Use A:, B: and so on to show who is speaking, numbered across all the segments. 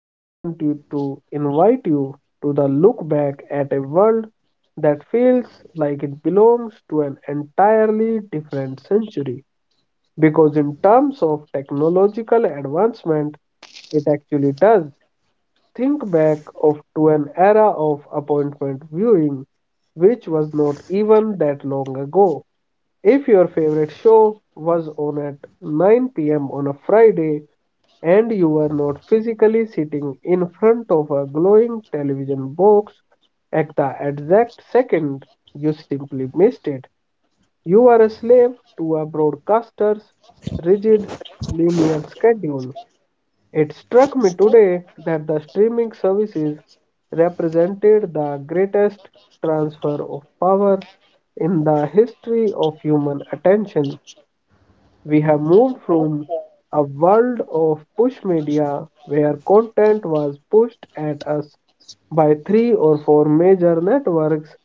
A: I want you to invite you to the look back at a world that feels like it belongs to an entirely different century. Because, in terms of technological advancement, it actually does. Think back to an era of appointment viewing, which was not even that long ago. If your favorite show was on at 9 p.m. on a Friday and you were not physically sitting in front of a glowing television box at the exact second, you simply missed it. You are a slave to a broadcaster's rigid linear schedule. It struck me today that the streaming services represented the greatest transfer of power in the history of human attention. We have moved from a world of push media, where content was pushed at us by three or four major networks,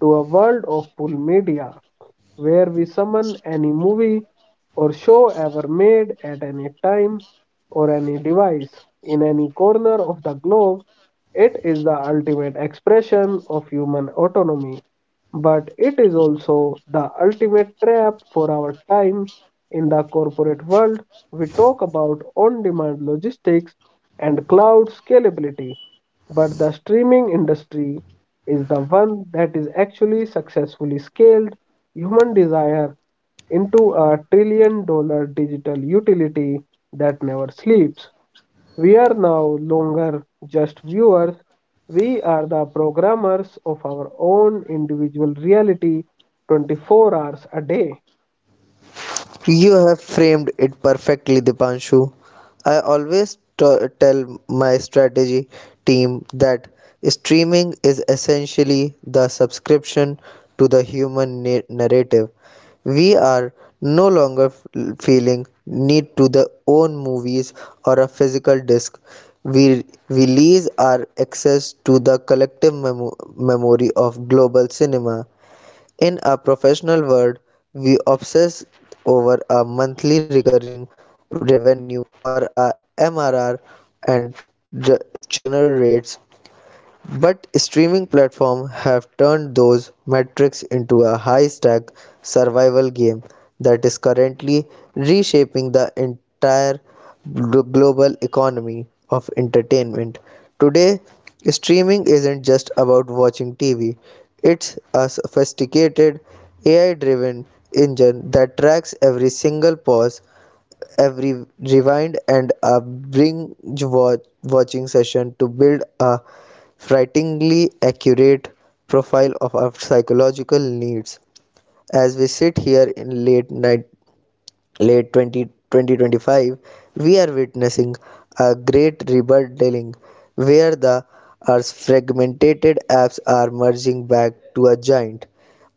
A: to a world of pull media, where we summon any movie or show ever made at any time or any device in any corner of the globe. It is the ultimate expression of human autonomy, but it is also the ultimate trap for our time. In the corporate world, we talk about on demand logistics and cloud scalability. But the streaming industry is the one that is actually successfully scaled human desire into a $1 trillion digital utility that never sleeps. We are no longer just viewers; we are the programmers of our own individual reality 24 hours a day.
B: You have framed it perfectly, Dipanshu. I always tell my strategy team that streaming is essentially the subscription to the human narrative. We are no longer feeling need to the own movies or a physical disc. We lease our access to the collective memory of global cinema. In a professional world, we obsess over a monthly recurring revenue or a MRR and generate but streaming platforms have turned those metrics into a high-stakes survival game that is currently reshaping the entire global economy of entertainment. Today, streaming isn't just about watching TV. It's a sophisticated AI-driven engine that tracks every single pause, every rewind and a binge watching session to build a frighteningly accurate profile of our psychological needs. As we sit here in late night, late 20 2025, we are witnessing a great rebuilding where the Earth's fragmented apps are merging back to a giant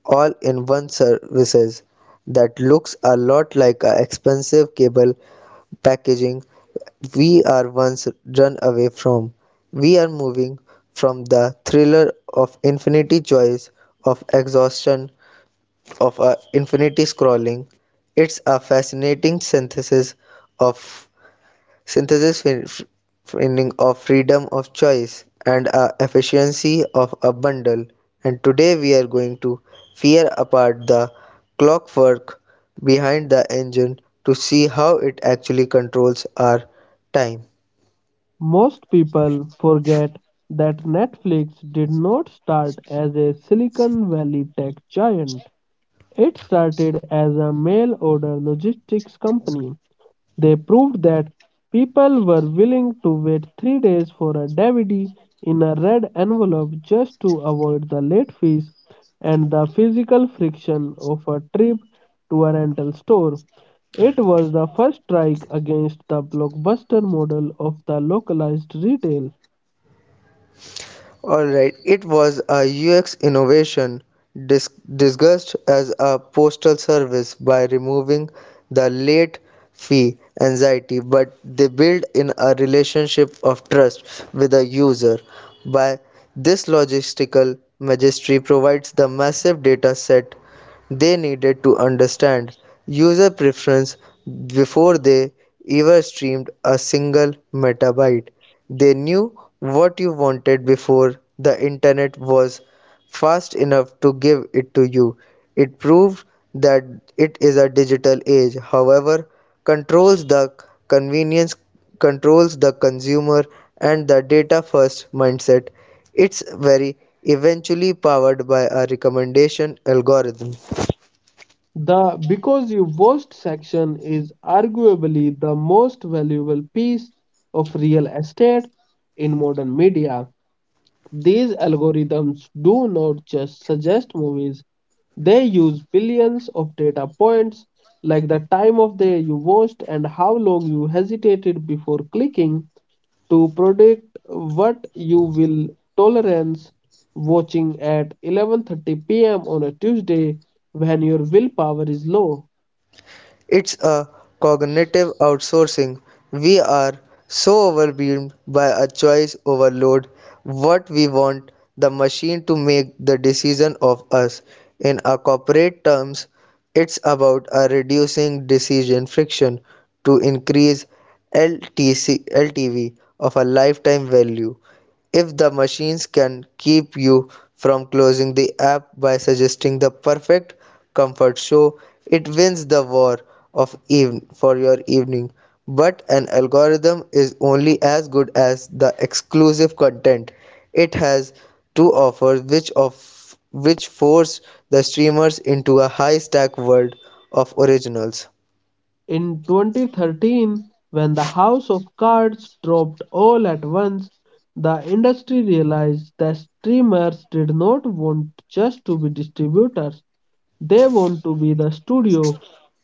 B: all in one services that looks a lot like a expensive cable packaging we are once run away from. We are moving from the thriller of infinity choice, of exhaustion, of infinity scrolling. It's a fascinating synthesis of synthesis meaning of freedom of choice and a efficiency of a bundle and today we are going to tear apart the clockwork behind the engine to see how it actually controls our time.
A: Most people forget that Netflix did not start as a Silicon Valley tech giant. It started as a mail order logistics company. They proved that people were willing to wait 3 days for a DVD in a red envelope just to avoid the late fees and the physical friction of a trip to a rental store. It was the first strike against the blockbuster model of the localized retail.
B: Alright, it was a UX innovation dis- disguised as a postal service by removing the late fee anxiety, but they build in a relationship of trust with the user. By this logistical magistry provides the massive data set they needed to understand user preference before they ever streamed a single metabyte. They knew what you wanted before the internet was fast enough to give it to you. It proved that it is a digital age, however, controls the convenience, controls the consumer, and the data first mindset. It's very eventually powered by a recommendation algorithm.
A: The Because You Watched section is arguably the most valuable piece of real estate in modern media. These algorithms do not just suggest movies; they use billions of data points, like the time of day you watched and how long you hesitated before clicking, to predict what you will tolerance watching at 11:30 p.m. on a Tuesday when your willpower is low.
B: It's a cognitive outsourcing. We are so overwhelmed by a choice overload, what we want the machine to make the decision of us. In a corporate terms, it's about a reducing decision friction to increase LTC, LTV of a lifetime value. If the machines can keep you from closing the app by suggesting the perfect comfort show, it wins the war of even for your evening. But an algorithm is only as good as the exclusive content it has to offer, which of which force the streamers into a high stack world of originals.
A: In 2013, when the House of Cards dropped all at once, the industry realized that streamers did not want just to be distributors; they want to be the studio.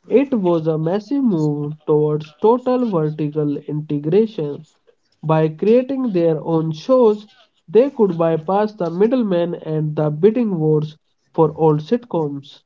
A: It was a massive move towards total vertical integration. By creating their own shows, they could bypass the middlemen and the bidding wars for old sitcoms.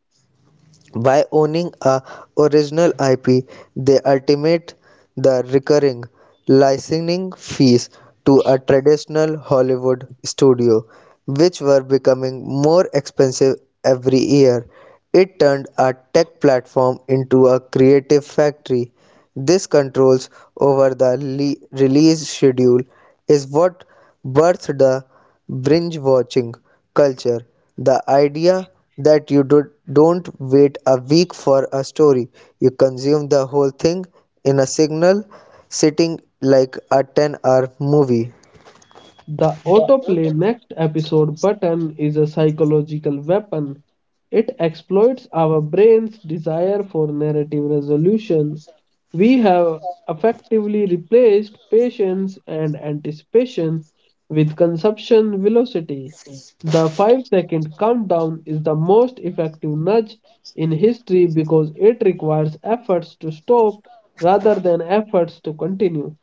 B: By owning a original IP, they ultimate the recurring licensing fees to a traditional Hollywood studio, which were becoming more expensive every year. It turned a tech platform into a creative factory. This controls over the release schedule is what birthed the binge watching culture. The idea that don't wait a week for a story, you consume the whole thing in a single sitting like a 10-hour movie.
A: The autoplay next episode button is a psychological weapon. It exploits our brain's desire for narrative resolution. We have effectively replaced patience and anticipation with consumption velocity. The 5-second countdown is the most effective nudge in history, because it requires efforts to stop rather than efforts to continue.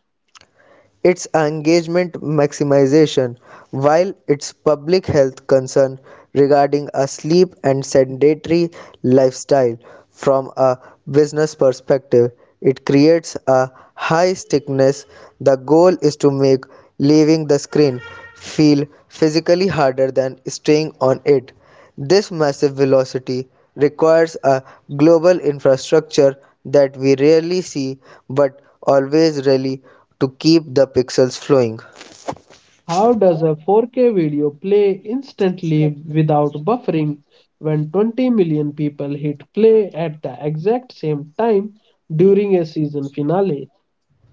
B: Its engagement maximization, while its public health concern regarding a sleep and sedentary lifestyle from a business perspective, it creates a high stickiness. The goal is to make leaving the screen feel physically harder than staying on it. This massive velocity requires a global infrastructure that we rarely see but always rally to keep the pixels flowing.
A: How does a 4K video play instantly without buffering when 20 million people hit play at the exact same time during a season finale?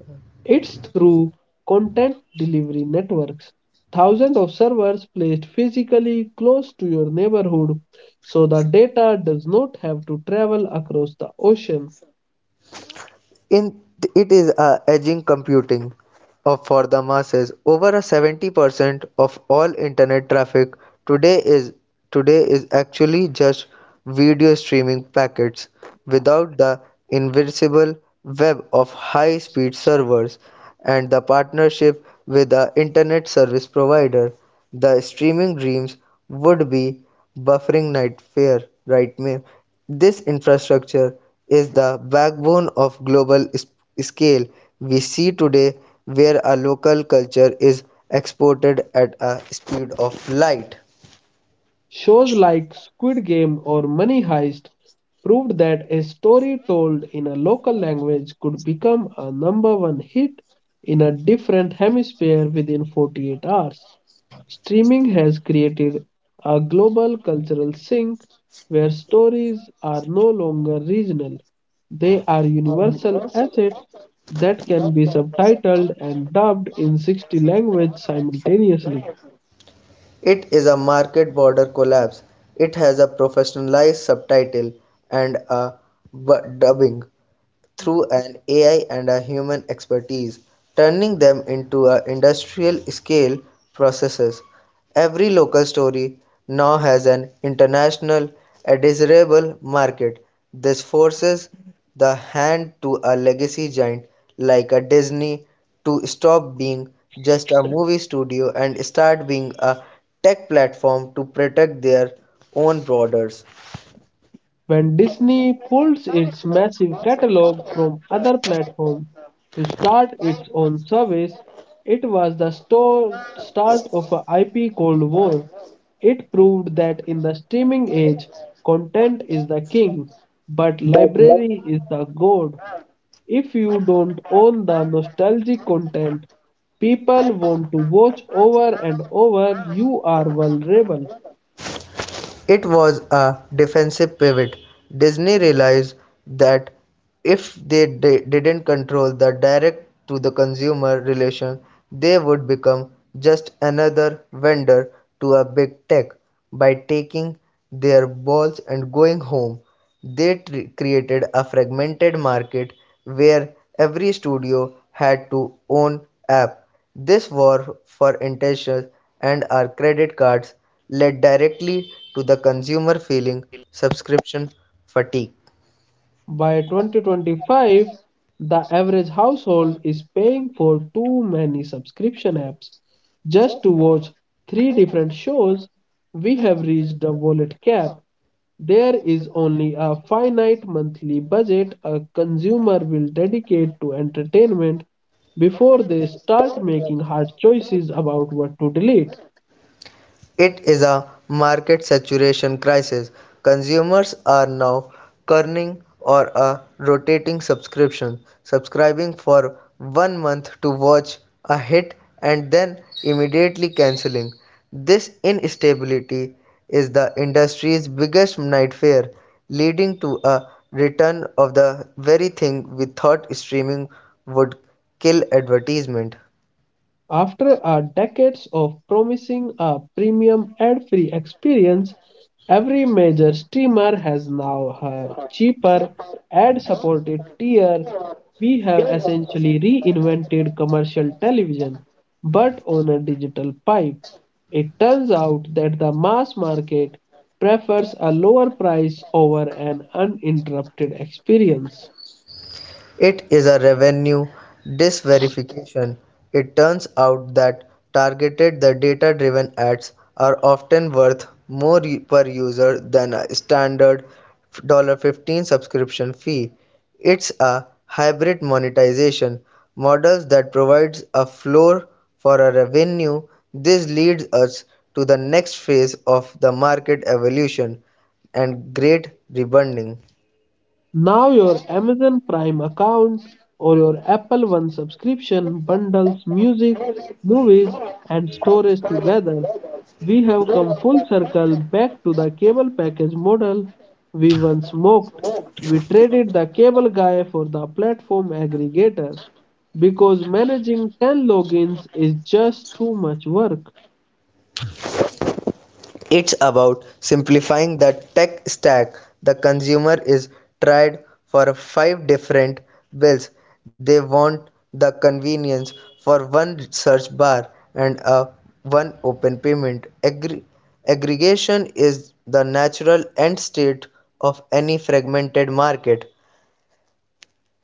A: It's through content delivery networks. Thousands of servers placed physically close to your neighborhood, so the data does not have to travel across the ocean.
B: In it is a edging computing of for the masses. Over a 70% of all internet traffic today is today is actually just video streaming packets without the invisible web of high-speed servers and the partnership with the internet service provider. The streaming dreams would be buffering nightmare. This infrastructure is the backbone of global scale we see today where a local culture is exported at a speed of light.
A: Shows like Squid Game or Money Heist proved that a story told in a local language could become a number one hit in a different hemisphere within 48 hours. Streaming has created a global cultural sink where stories are no longer regional. They are universal assets that can be subtitled and dubbed in 60 languages simultaneously.
B: It is a market border collapse. It has a professionalized subtitle and a dubbing. Through an AI and a human expertise, turning them into a industrial scale processes. Every local story now has an international desirable market. This forces the hand to a legacy giant like a Disney to stop being just a movie studio and start being a tech platform to protect their own borders.
A: When Disney pulls its massive catalog from other platforms to start its own service, it was the start of a IP Cold War. It proved that in the streaming age, content is the king, but library is the god. If you don't own the nostalgic content people want to watch over and over, you are vulnerable.
B: It was a defensive pivot. Disney realized that if they didn't control the direct to the consumer relation, they would become just another vendor to a big tech. By taking their balls and going home, they created a fragmented market where every studio had to own app. This war for intentions and our credit cards led directly to the consumer feeling subscription fatigue.
A: By 2025, the average household is paying for too many subscription apps just to watch three different shows. We have reached the wallet cap. There is only a finite monthly budget a consumer will dedicate to entertainment before they start making hard choices about what to delete.
B: It is a market saturation crisis. Consumers are now churning or a rotating subscription, subscribing for one month to watch a hit and then immediately canceling. This instability is the industry's biggest nightmare, leading to a return of the very thing we thought streaming would kill advertisement.
A: After decades of promising a premium ad-free experience, every major streamer has now a cheaper ad-supported tier. We have essentially reinvented commercial television, but on a digital pipe. It turns out that the mass market prefers a lower price over an uninterrupted experience.
B: It is a revenue disverification. It turns out that targeted the data driven ads are often worth more per user than a standard $1.15 subscription fee. It's a hybrid monetization models that provides a floor for a revenue. This leads us to the next phase of the market evolution and great rebundling.
A: Now your Amazon Prime account or your Apple One subscription bundles music, movies, and storage together. We have come full circle back to the cable package model we once mocked. We traded the cable guy for the platform aggregator, because managing 10 logins is just too much work.
B: It's about simplifying the tech stack the consumer is tried for five different bills. They want the convenience for one search bar and a one open payment. Aggregation is the natural end state of any fragmented market.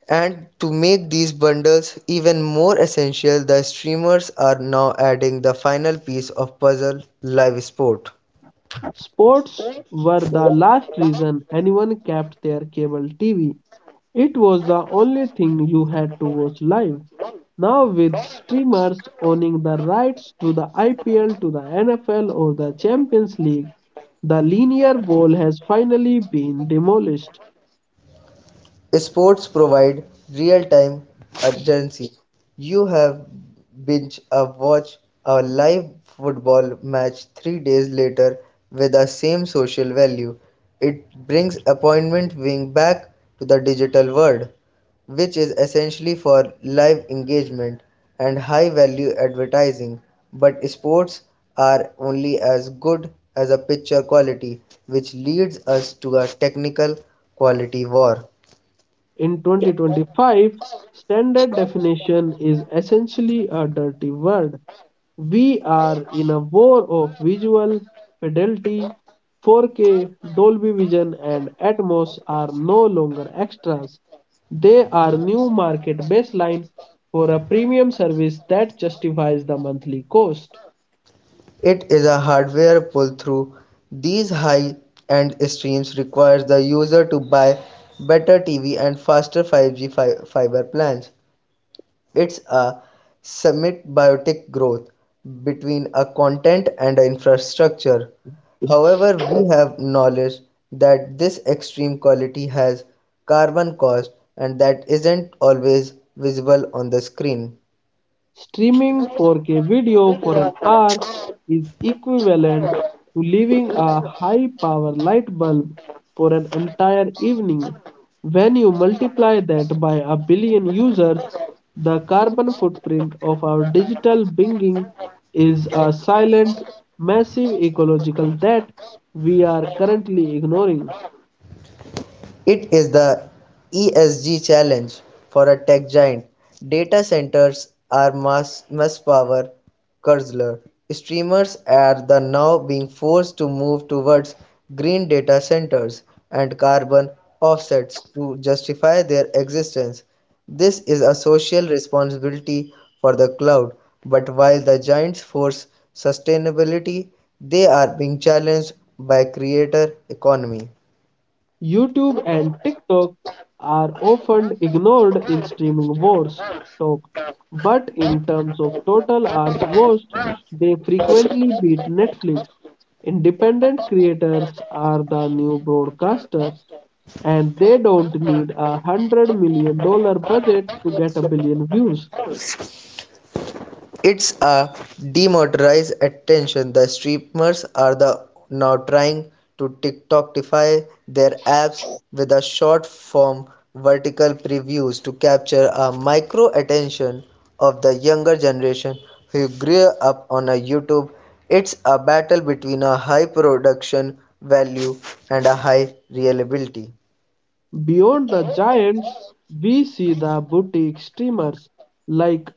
B: And to make these bundles even more essential, the streamers are now adding the final piece of puzzle live sport.
A: Sports were the last reason anyone kept their cable TV. It was the only thing you had to watch live. Now, with streamers owning the rights to the IPL, to the NFL or the Champions League, the linear wall has finally been demolished.
B: Sports provide real-time urgency. You have binge a watch a live football match 3 days later with the same social value. It brings appointment viewing back to the digital world, which is essentially for live engagement and high-value advertising. But sports are only as good as a picture quality, which leads us to a technical quality war.
A: In 2025, standard definition is essentially a dirty word. We are in a war of visual fidelity. 4K, Dolby Vision, and Atmos are no longer extras. They are new market baseline for a premium service that justifies the monthly cost.
B: It is a hardware pull-through; these high-end streams requires the user to buy better TV and faster 5G fiber plans. It's a symbiotic growth between a content and a infrastructure. However, we have knowledge that this extreme quality has carbon cost and that isn't always visible on the screen.
A: Streaming 4K video for an hour is equivalent to leaving a high power light bulb for an entire evening. When you multiply that by a billion users, the carbon footprint of our digital being is a silent, massive ecological debt we are currently ignoring.
B: It is the ESG challenge for a tech giant. Data centers are mass power guzzler. Streamers are the now being forced to move towards green data centers and carbon offsets to justify their existence. This is a social responsibility for the cloud, but while the giants force sustainability, they are being challenged by creator economy.
A: YouTube and TikTok are often ignored in streaming wars talk, but in terms of total hours watched, they frequently beat Netflix. Independent creators are the new broadcasters, and they don't need a $100 million budget to get a billion views.
B: It's a demotorized attention. The streamers are the now trying to TikTokify their apps with a short form vertical previews to capture a micro attention of the younger generation who grew up on a YouTube. It's a battle between a high production value and a high reliability.
A: Beyond the giants, we see the boutique streamers, like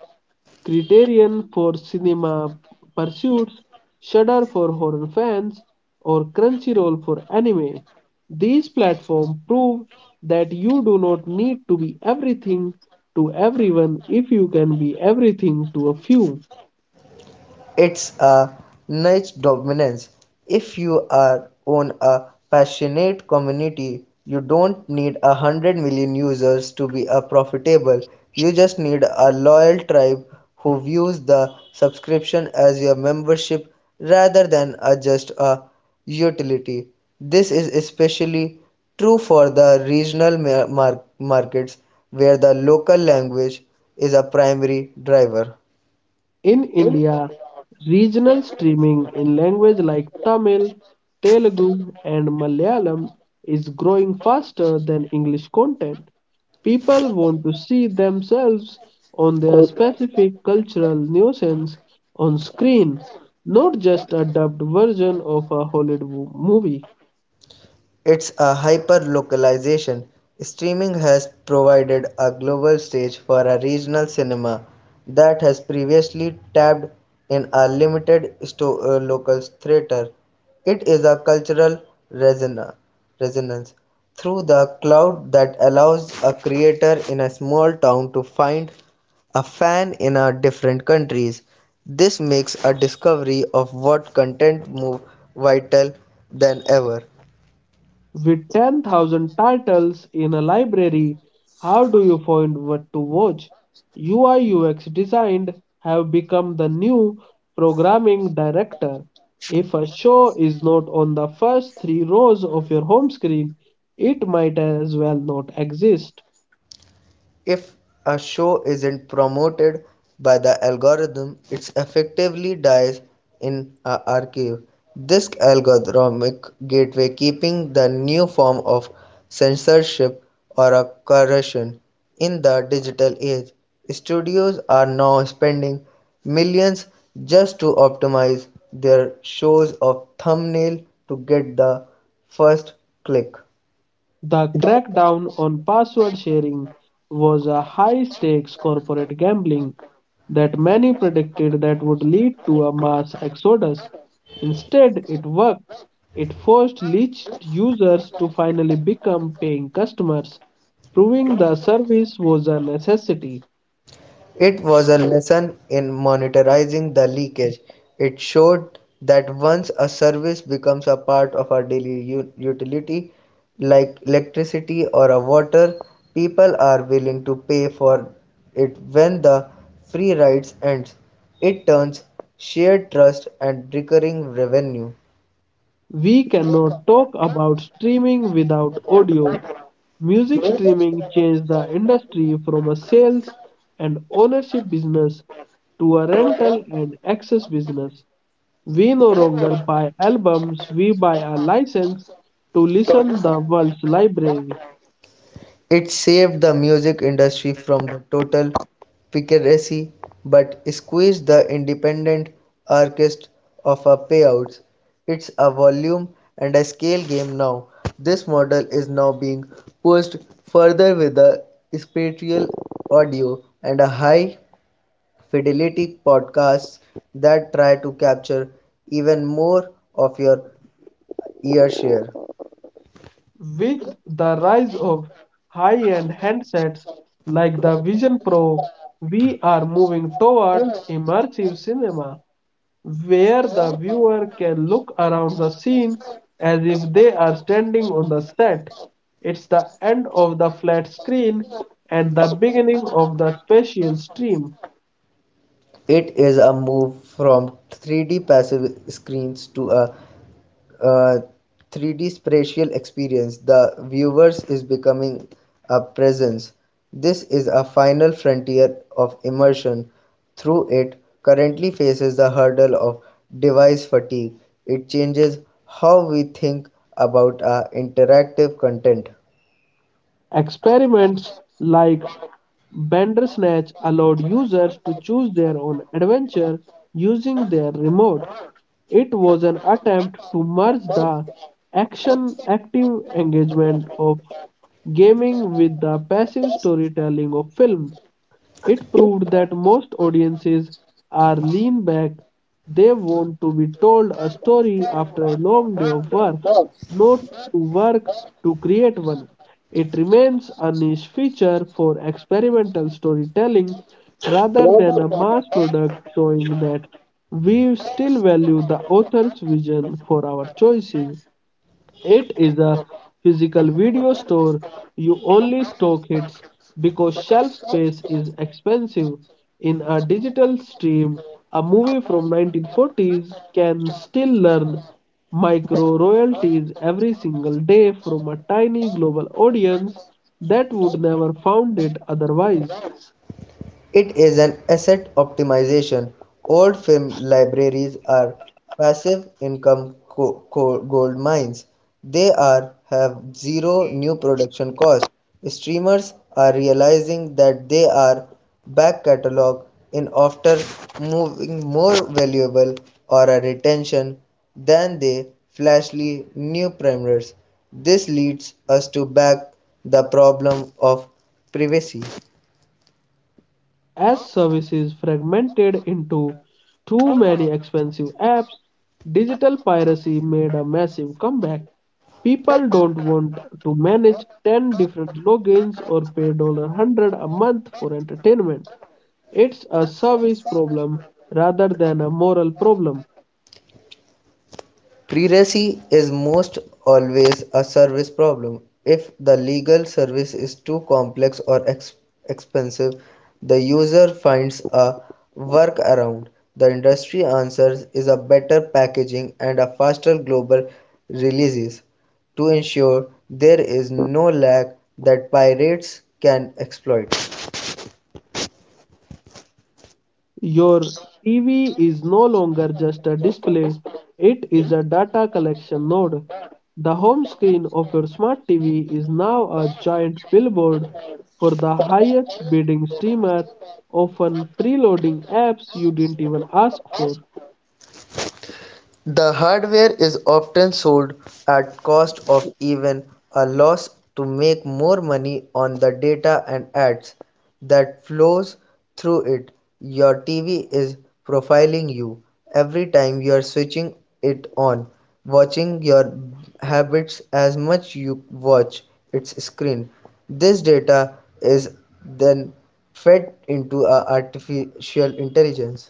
A: Criterion for cinema pursuits, Shudder for horror fans, or Crunchyroll for anime. These platforms prove that you do not need to be everything to everyone if you can be everything to a few.
B: It's a niche dominance. If you are on a passionate community, you don't need 100 million users to be a profitable. You just need a loyal tribe who views the subscription as your membership rather than a just a utility. This is especially true for the regional markets where the local language is a primary driver.
A: In India, regional streaming in languages like Tamil, Telugu, and Malayalam is growing faster than English content. People want to see themselves on their specific cultural nuisance on screen, not just a dubbed version of a Hollywood movie.
B: It's a hyper-localization, streaming has provided a global stage for a regional cinema that has previously tapped in a limited local theater. It is a cultural reson- resonance through the cloud that allows a creator in a small town to find a fan in a different countries. This makes a discovery of what content more vital than ever.
A: With 10,000 titles in a library, how do you find what to watch? UI UX designed have become the new programming director. If a show is not on the first three rows of your home screen, it might as well not exist.
B: If a show isn't promoted by the algorithm, it effectively dies in a archive. This algorithmic gateway keeping the new form of censorship or a corruption in the digital age. Studios are now spending millions just to optimize their shows of thumbnail to get the first click.
A: The crackdown on password sharing was a high-stakes corporate gambling that many predicted that would lead to a mass exodus. Instead, it worked. It forced leached users to finally become paying customers, proving the service was a necessity.
B: It was a lesson in monitoring the leakage; it showed that once a service becomes a part of our daily utility, like electricity or a water, people are willing to pay for it when the free rides ends. It turns shared trust and recurring revenue.
A: We cannot talk about streaming without audio. Music streaming changed the industry from a sales and ownership business to a rental and access business. We no longer buy albums; we buy a license to listen the world's library.
B: It saved the music industry from the total piracy, but squeezed the independent artist of a payout. It's a volume and a scale game now. This model is now being pushed further with the spatial audio and a high fidelity podcasts that try to capture even more of your ear share.
A: With the rise of high-end handsets like the Vision Pro, we are moving towards immersive cinema, where the viewer can look around the scene as if they are standing on the set. It's the end of the flat screen and the beginning of the spatial stream.
B: It is a move from 3D passive screens to a uh, 3D spatial experience, the viewers is becoming a presence. This is a final frontier of immersion. Through it, currently faces the hurdle of device fatigue. It changes how we think about our interactive content.
A: Experiments like Bandersnatch allowed users to choose their own adventure using their remote. It was an attempt to merge the action active engagement of gaming with the passive storytelling of film. It proved that most audiences are lean back; they want to be told a story after a long day of work, not to work to create one. It remains a niche feature for experimental storytelling rather than a mass product, showing that we still value the author's vision for our choices. It is a physical video store. You only stock hits because shelf space is expensive. In a digital stream, a movie from 1940s can still earn micro royalties every single day from a tiny global audience that would never found it otherwise.
B: It is an asset optimization. Old film libraries are passive income gold mines. They are have zero new production cost. Streamers are realizing that they are back catalog in after moving more valuable or a retention than the flashly new primers. This leads us to back the problem of privacy.
A: As services fragmented into too many expensive apps, digital piracy made a massive comeback. People don't want to manage 10 different logins or pay 100 a month for entertainment. It's a service problem rather than a moral problem.
B: Piracy is most always a service problem. If the legal service is too complex or expensive, the user finds a workaround. The industry answers is a better packaging and a faster global releases to ensure there is no lag that pirates can exploit.
A: Your TV is no longer just a display; it is a data collection node. The home screen of your smart TV is now a giant billboard for the highest bidding streamer, often preloading apps you didn't even ask for.
B: The hardware is often sold at cost of even a loss to make more money on the data and ads that flows through it. Your TV is profiling you every time you are switching it on, watching your habits as much you watch its screen. This data is then fed into a artificial intelligence.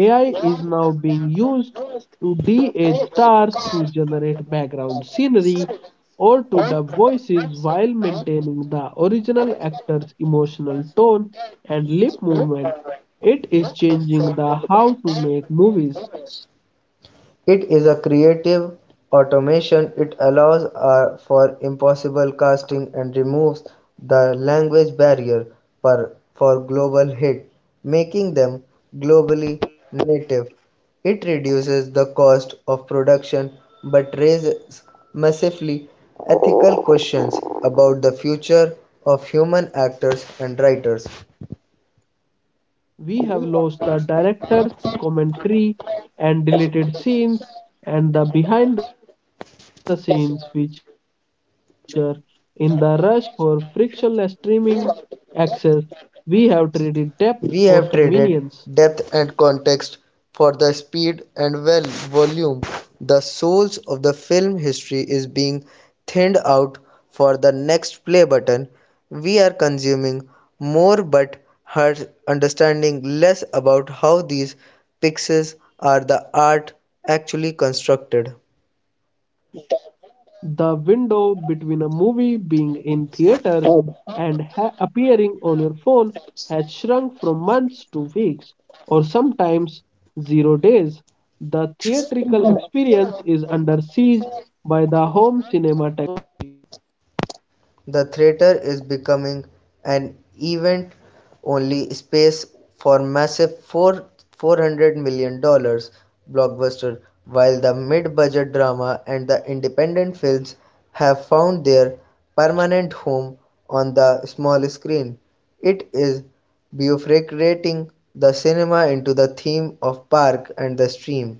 A: AI is now being used to de-age stars, to generate background scenery, or to dub voices while maintaining the original actor's emotional tone and lip movement. It is changing the how to make movies.
B: It is a creative automation, it allows for impossible casting and removes the language barrier for global hit, making them globally native. It reduces the cost of production but raises massively ethical questions about the future of human actors and writers.
A: We have lost the director's commentary and deleted scenes and the behind the scenes feature in the rush for frictionless streaming access. We have traded depth for convenience.
B: We have traded depth and context for the speed and well volume. The souls of the film history is being thinned out for the next play button. We are consuming more but are understanding less about how these pixels are the art actually constructed.
A: The window between a movie being in theaters and appearing on your phone has shrunk from months to weeks, or sometimes 0 days. The theatrical experience is under siege by the home cinema.
B: The theater is becoming an event only space for massive $400 million dollars blockbuster, while the mid budget drama and the independent films have found their permanent home on the small screen. It is bifurcating the cinema into the theme of park and the stream.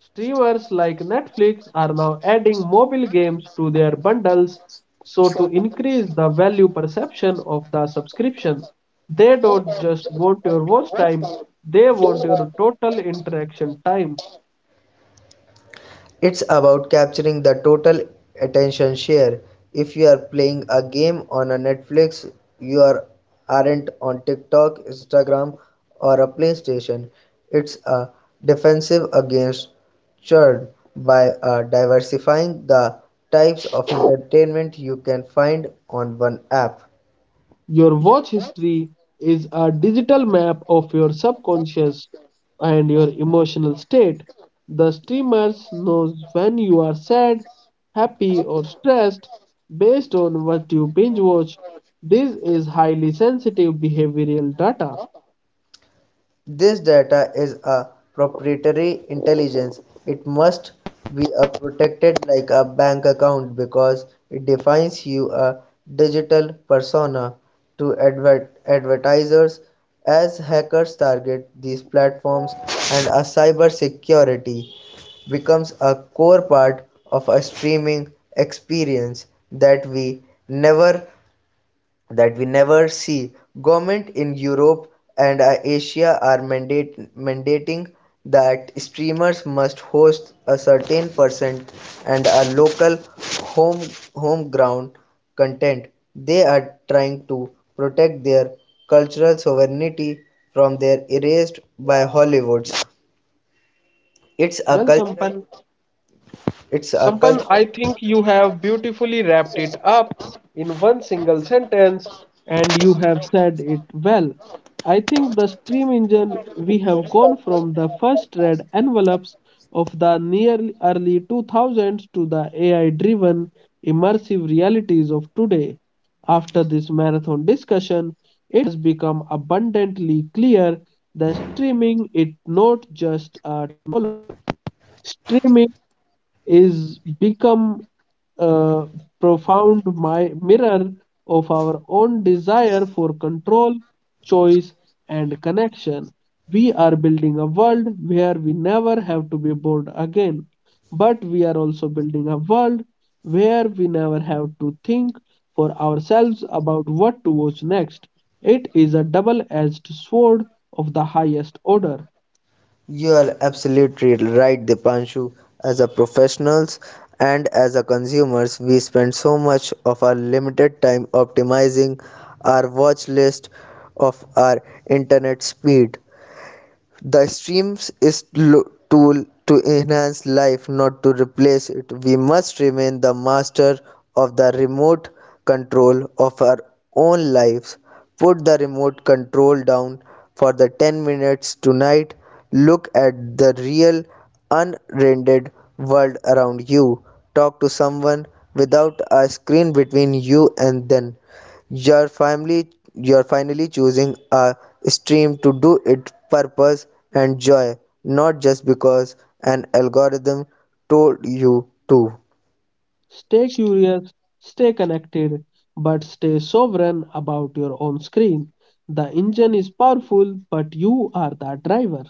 A: Streamers like Netflix are now adding mobile games to their bundles so to increase the value perception of the subscription. They don't just want your watch time; they want your total interaction time.
B: It's about capturing the total attention share. If you are playing a game on a Netflix, you are, aren't on TikTok, Instagram, or a PlayStation. It's a defensive against churn by diversifying the types of entertainment you can find on one app.
A: Your watch history is a digital map of your subconscious and your emotional state. The streamers knows when you are sad, happy or stressed based on what you binge watch. This is highly sensitive behavioral data.
B: This data is a proprietary intelligence. It must be a protected like a bank account because it defines you a digital persona to advertisers as hackers target these platforms and a cyber security becomes a core part of a streaming experience that we never that we never see. Government in Europe and Asia are mandating that streamers must host a certain percent and a local home home ground content. They are trying to protect their cultural sovereignty from their erased by Hollywood's. It's a
A: Well,
B: cultural.
A: Sampan,
B: It's a
A: Sampan, I
B: cultural.
A: think you have beautifully wrapped it up in one single sentence, and you have said it well. I think the steam engine, we have gone from the first red envelopes of the near early 2000s to the AI driven immersive realities of today. After this marathon discussion, it has become abundantly clear that streaming is not just a streaming is become a profound mirror of our own desire for control, choice, and connection. We are building a world where we never have to be bored again, but we are also building a world where we never have to think for ourselves about what to watch next. It is a double edged sword of the highest order.
B: You are absolutely right, Dipanshu. As a professionals and as a consumers, we spend so much of our limited time optimizing our watch list of our internet speed. The stream is tool to enhance life, not to replace it. We must remain the master of the remote control of our own lives. Put the remote control down for the 10 minutes tonight. Look at the real, unrendered world around you. Talk to someone without a screen between you and them. You're finally choosing a stream to do it purpose and joy, not just because an algorithm told you to.
A: Stay curious, stay connected, but stay sovereign about your own screen. The engine is powerful, but you are the driver.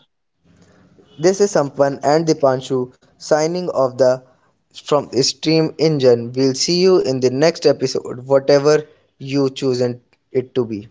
B: This is Sampan and Dipanshu signing off the from Stream Engine. We'll see you in the next episode, whatever you chosen it to be.